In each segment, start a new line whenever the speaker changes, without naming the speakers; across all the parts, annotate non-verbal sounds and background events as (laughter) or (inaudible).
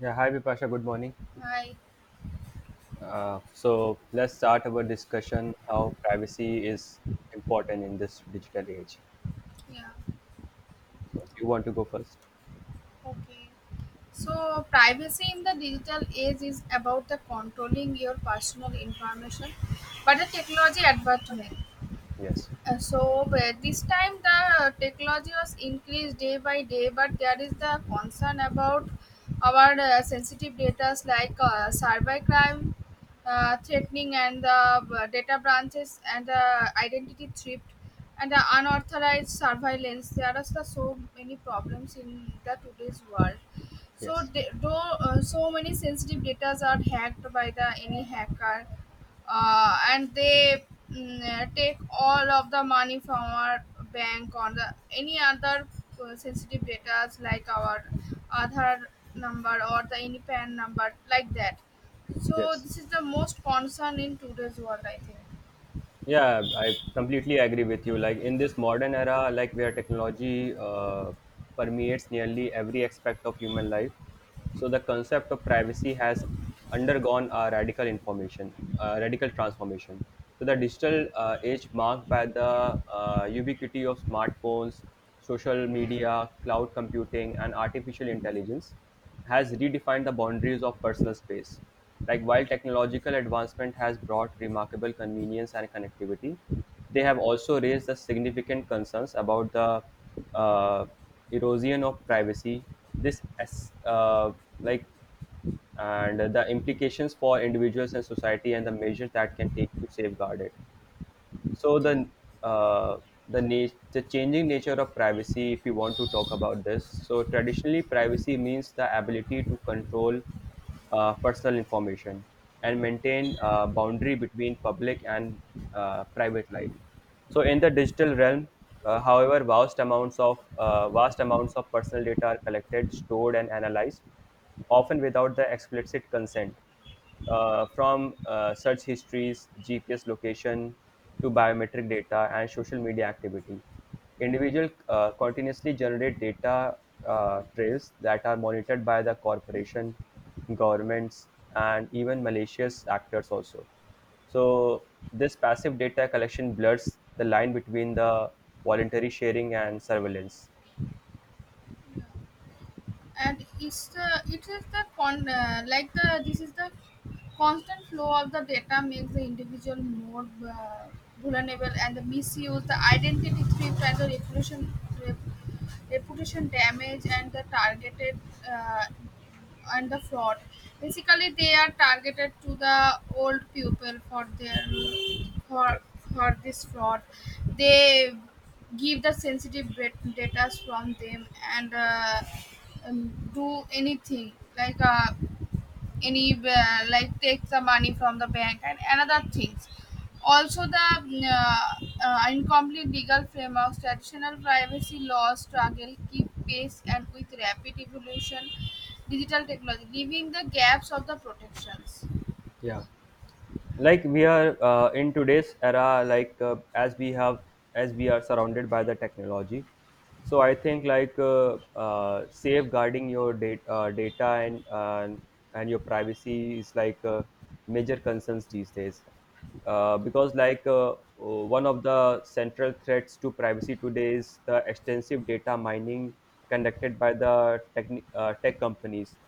Yeah, hi Vipasha, good morning.
Right.
So let's start our discussion how privacy is important in this digital age.
Yeah.
So you want to go first?
Okay. So, privacy in the digital age is about the controlling your personal information, but the technology advancement.
Yes,
So but this time the technology was increased day by day but there is the concern about our sensitive data like cyber crime, threatening, and the data branches and the identity theft and the unauthorized surveillance. There are so many problems in the today's world, so
yes,
they, though, so many sensitive data are hacked by the any hacker, and they take all of the money from our bank or the any other sensitive data like our Aadhaar number or the any PAN number like that. So
yes.
this is the most concern in today's world, I think.
Yeah, I completely agree with you. Like in this modern era, like where technology permeates nearly every aspect of human life, so the concept of privacy has undergone a radical radical transformation. So the digital age marked by the ubiquity of smartphones, social media, cloud computing, and artificial intelligence has redefined the boundaries of personal space. Like while technological advancement has brought remarkable convenience and connectivity, they have also raised the significant concerns about the uh, erosion of privacy. This as like And the implications for individuals and society and the measures that can take to safeguard it, so the uh, the changing nature of privacy, if we want to talk about this. So traditionally privacy means the ability to control personal information and maintain a boundary between public and private life. So in the digital realm, however, vast amounts of personal data are collected, stored and analyzed, often without the explicit consent, from search histories, GPS location to biometric data and social media activity. Individuals continuously generate data trails that are monitored by the corporation, governments, and even malicious actors also. So this passive data collection blurs the line between the voluntary sharing and surveillance.
And it's the, it is the con like the, this is the constant flow of the data makes the individual more uh, vulnerable and the misuse, the identity theft, and the rep, reputation damage and the targeted uh, and the fraud. Basically they are targeted to the old people for their for
Yes.
for this fraud. They give the data from them and do anything like any like take the money from the bank and another things. Also the incomplete legal frameworks, traditional privacy laws struggle keep pace and with rapid evolution digital technology, leaving the gaps of the protections.
Yeah. Like we are in today's era, like as we are surrounded by the technology. So I think like, safeguarding your data and your privacy is like, major concerns these days, because like, one of the central threats to privacy today is the extensive data mining conducted by the tech companies,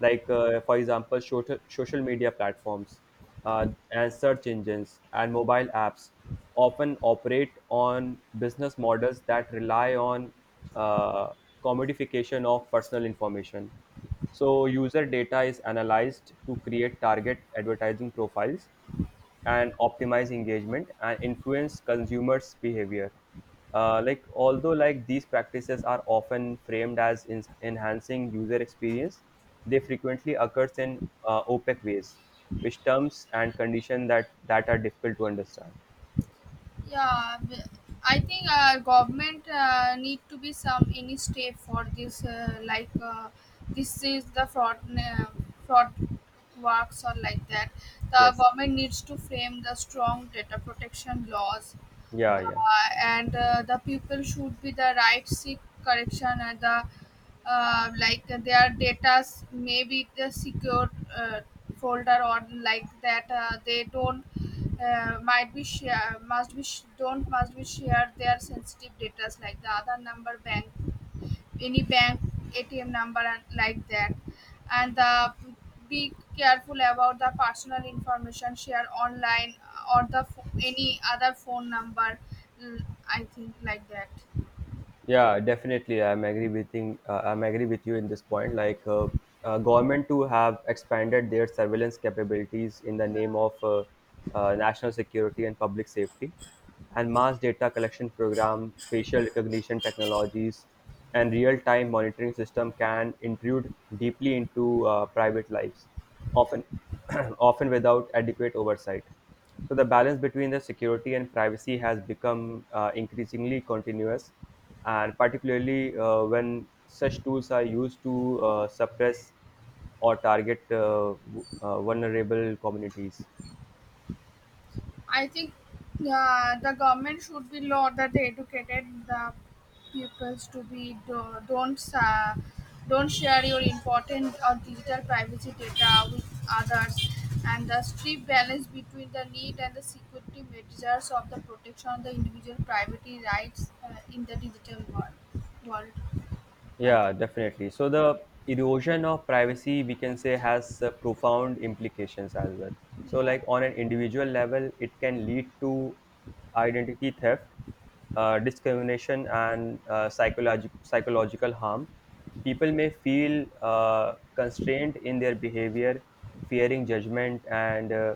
like for example, social media platforms, uh, and search engines and mobile apps, often operate on business models that rely on uh, commodification of personal information. So user data is analyzed to create target advertising profiles and optimize engagement and influence consumers behavior. Like, although like these practices are often framed as enhancing user experience, they frequently occurs in opaque ways, which terms and conditions that are difficult to understand.
Yeah, b- I think government need to be some any step for this. This is the fraud works or like that. The
Yes,
government needs to frame the strong data protection laws,
yeah, yeah.
and the people should be the right seek correction and the like their data may be the secure uh, folder or like that. They don't, might be share, don't must be share their sensitive data like the other number bank, any bank ATM number and like that. And the be careful about the personal information share online or the any other phone number. mm, I think like that.
Yeah, definitely. I'm agree I'm agree with you in this point. Like, government to have expanded their surveillance capabilities in the name of national security and public safety, and mass data collection program, facial recognition technologies, and real-time monitoring system can intrude deeply into private lives, often (clears throat) often without adequate oversight. So the balance between the security and privacy has become increasingly continuous, and particularly when such tools are used to suppress or target vulnerable communities.
I think the government should be law that they educated the pupils to don't, don't share your important or digital privacy data with others, and the strict balance between the need and the security measures of the protection of the individual privacy rights in the digital world. I,
Yeah, definitely. So the erosion of privacy, we can say, has profound implications as well. So,
yeah,
like on an individual level, it can lead to identity theft, discrimination, and psychologic- psychological harm. People may feel constrained in their behavior, fearing judgment and uh,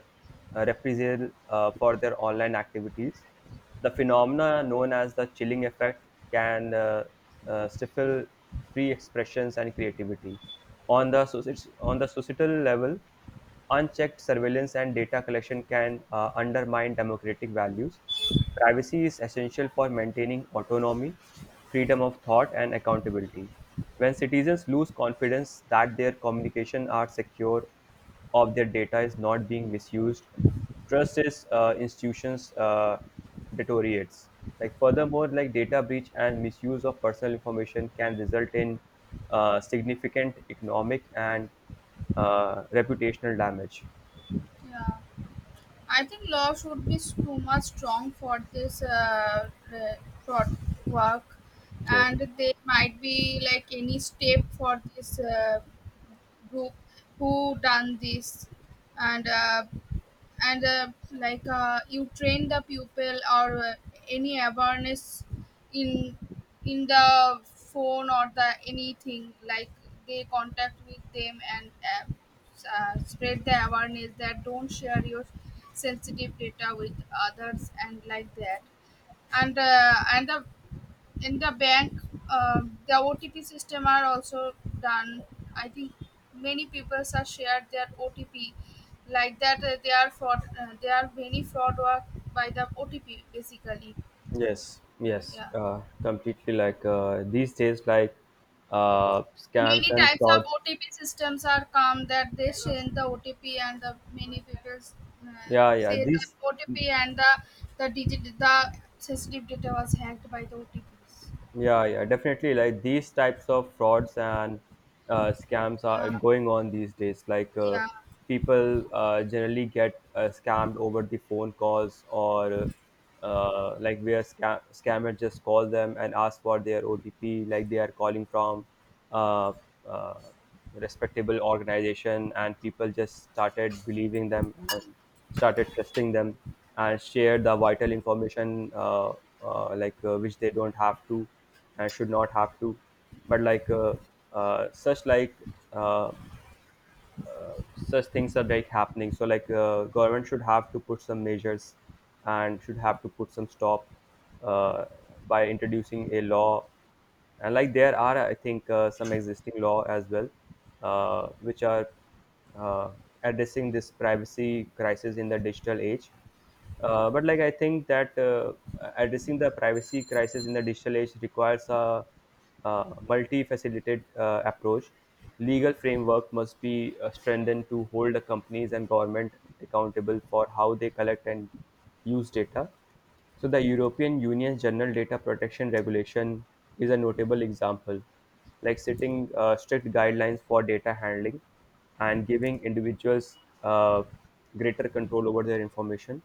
uh, reprisal for their online activities. The phenomena known as the chilling effect can stifle free expressions and creativity. On the, on the societal level, unchecked surveillance and data collection can undermine democratic values. Privacy is essential for maintaining autonomy, freedom of thought, and accountability. When citizens lose confidence that their communication are secure, of their data is not being misused, trust is institutions deteriorates. Like furthermore, like data breach and misuse of personal information can result in significant economic and reputational damage.
yeah, I think love should be too much strong for this for work,
Yes,
and they might be like any step for this group who done this, and uh, and you train the pupil or any awareness in in the phone or the anything like they contact with them and spread the awareness that don't share your sensitive data with others and like that, and the in the bank uh, the OTP system are also done, I think. Many people are shared their OTP like that. They are fraud, they are many fraud work by the OTP basically.
yes, yes.
Yeah,
Completely. Like these days, like scams
many
and
types of
frauds.
OTP systems are come that they send the OTP and the many people
Yeah, yeah.
say that
These.
OTP and the digit, the sensitive data was hacked by the OTPs.
Yeah, yeah, definitely. Like these types of frauds and scams are
Yeah,
going on these days. Like
yeah,
people generally get scammed over the phone calls, or like where scammer just call them and ask for their OTP, like they are calling from uh, uh, respectable organization, and people just started believing them and started trusting them and share the vital information, like which they don't have to and should not have to, but like such like uh, such things are like happening. So like government should have to put some measures and should have to put some stop, uh, by introducing a law. And like there are, I think, some existing law as well, which are uh, addressing this privacy crisis in the digital age. But like I think that addressing the privacy crisis in the digital age requires a, uh, multi-faceted approach. Legal framework must be strengthened to hold the companies and government accountable for how they collect and use data. So the European Union's General Data Protection Regulation is a notable example, like setting strict guidelines for data handling and giving individuals greater control over their information.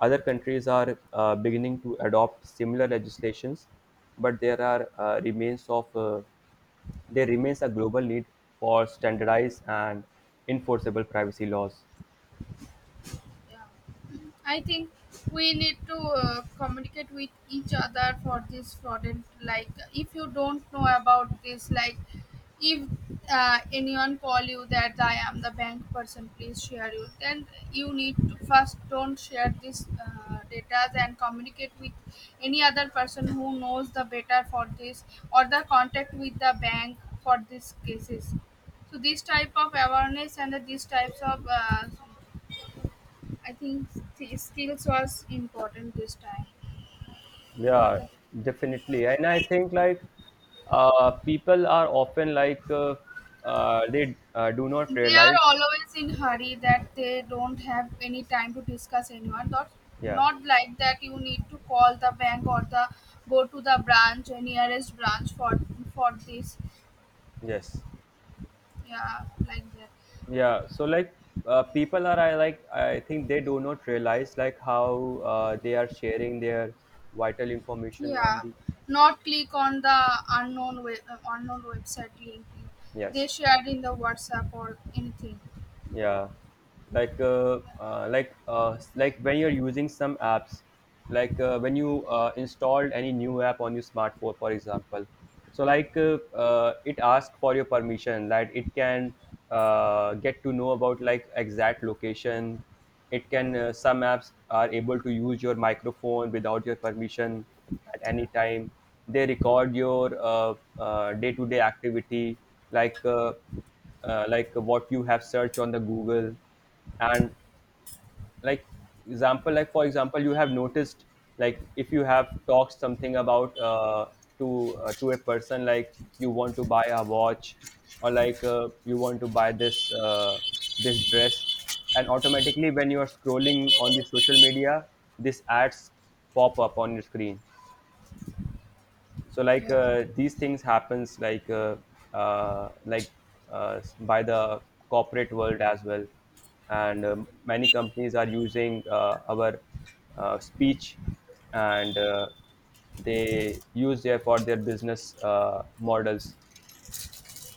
Other countries are beginning to adopt similar legislations, but there are remains of there remains a global need for standardized and enforceable privacy laws.
yeah. I think we need to communicate with each other for this fraudulent. Like, if you don't know about this, like, if anyone call you that I am the bank person, please share you. Then you need to first don't share this data and communicate with any other person who knows the better for this or the contact with the bank for these cases. So these type of awareness and these types of, I think, the skills was important this time. For
Yeah,
the,
definitely. And I think like people are often like they do not
they are
realize.
always in hurry that they don't have any time to discuss anyone. Not,
Yeah.
not like that. You need to call the bank or the go to the branch or nearest branch for this.
Yes.
Yeah, like that.
Yeah. So like people are, I like I think they do not realize like how they are sharing their vital information on
Yeah,
the,
not click on the unknown website link. They
yes.
shared in the WhatsApp or anything.
Yeah, like when you're using some apps, like when you installed any new app on your smartphone, for example. So like, it asks for your permission, like it can get to know about like exact location. It can, some apps are able to use your microphone without your permission at
Yeah,
any time. They record your day-to-day activity, like uh, like what you have searched on the google. And like example, like for example, you have noticed, like if you have talked something about to a person, like you want to buy a watch, or like you want to buy this dress, and automatically when you are scrolling on the social media, this ads pop up on your screen. So like
yeah,
these things happens, like uh, like by the corporate world as well. And many companies are using our speech and they use there for their business models.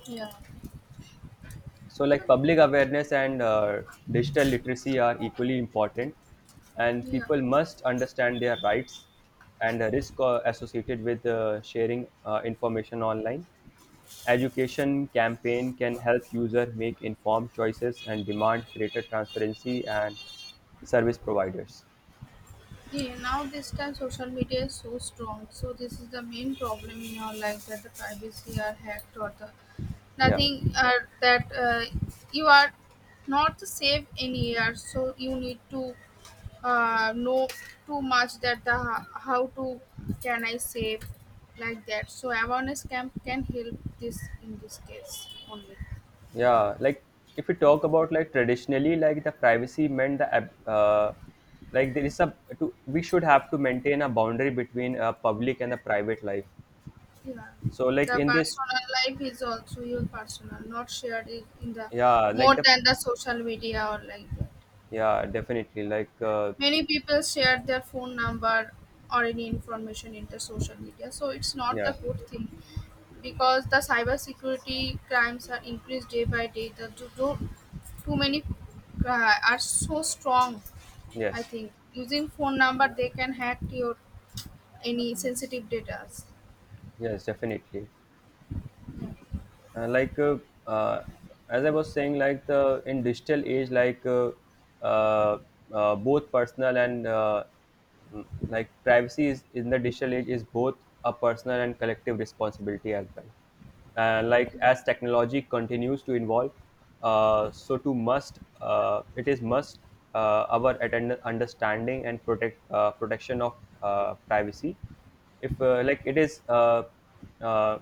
yeah.
So like public awareness and digital literacy are equally important, and
Yeah.
people must understand their rights and the risk associated with sharing information online. Education campaign can help user make informed choices and demand greater transparency and service providers.
Yeah, now this time social media is so strong. So this is the main problem in our life that the privacy are hacked or the
Yeah,
nothing, that you are not safe in here. So you need to know too much that the how to can I save, like that. So awareness camp can help this in this case only.
yeah, like if we talk about like traditionally, like the privacy meant the like there is a to, we should have to maintain a boundary between a public and a private life.
Yeah.
So like
The
in this,
personal life is also your personal, not shared in the
yeah like
more
the,
than the social media or like that.
yeah definitely like
Many people share their phone number or any information in the social media, so it's not the
yeah,
good thing because the cybersecurity crimes are increased day by day. The too many are so strong. I
yes,
think using phone number they can hack your any sensitive data.
yes, definitely. Like uh, as I was saying, like the in digital age, like uh, both personal and like privacy is in the digital age is both a personal and collective responsibility as well. Like as technology continues to evolve, so to must it is must our understanding and protection of privacy. If like it is uh,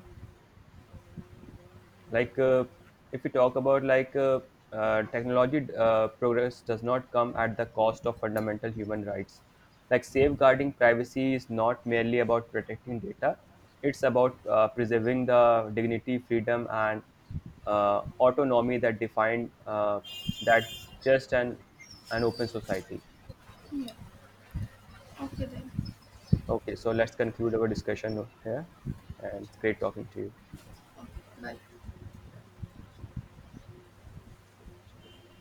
like If we talk about like technology progress does not come at the cost of fundamental human rights. Like safeguarding privacy is not merely about protecting data, it's about preserving the dignity, freedom and autonomy that define that just an open society.
Yeah. Okay then.
Okay, so let's conclude our discussion here, and it's great talking to you.
Okay. Bye.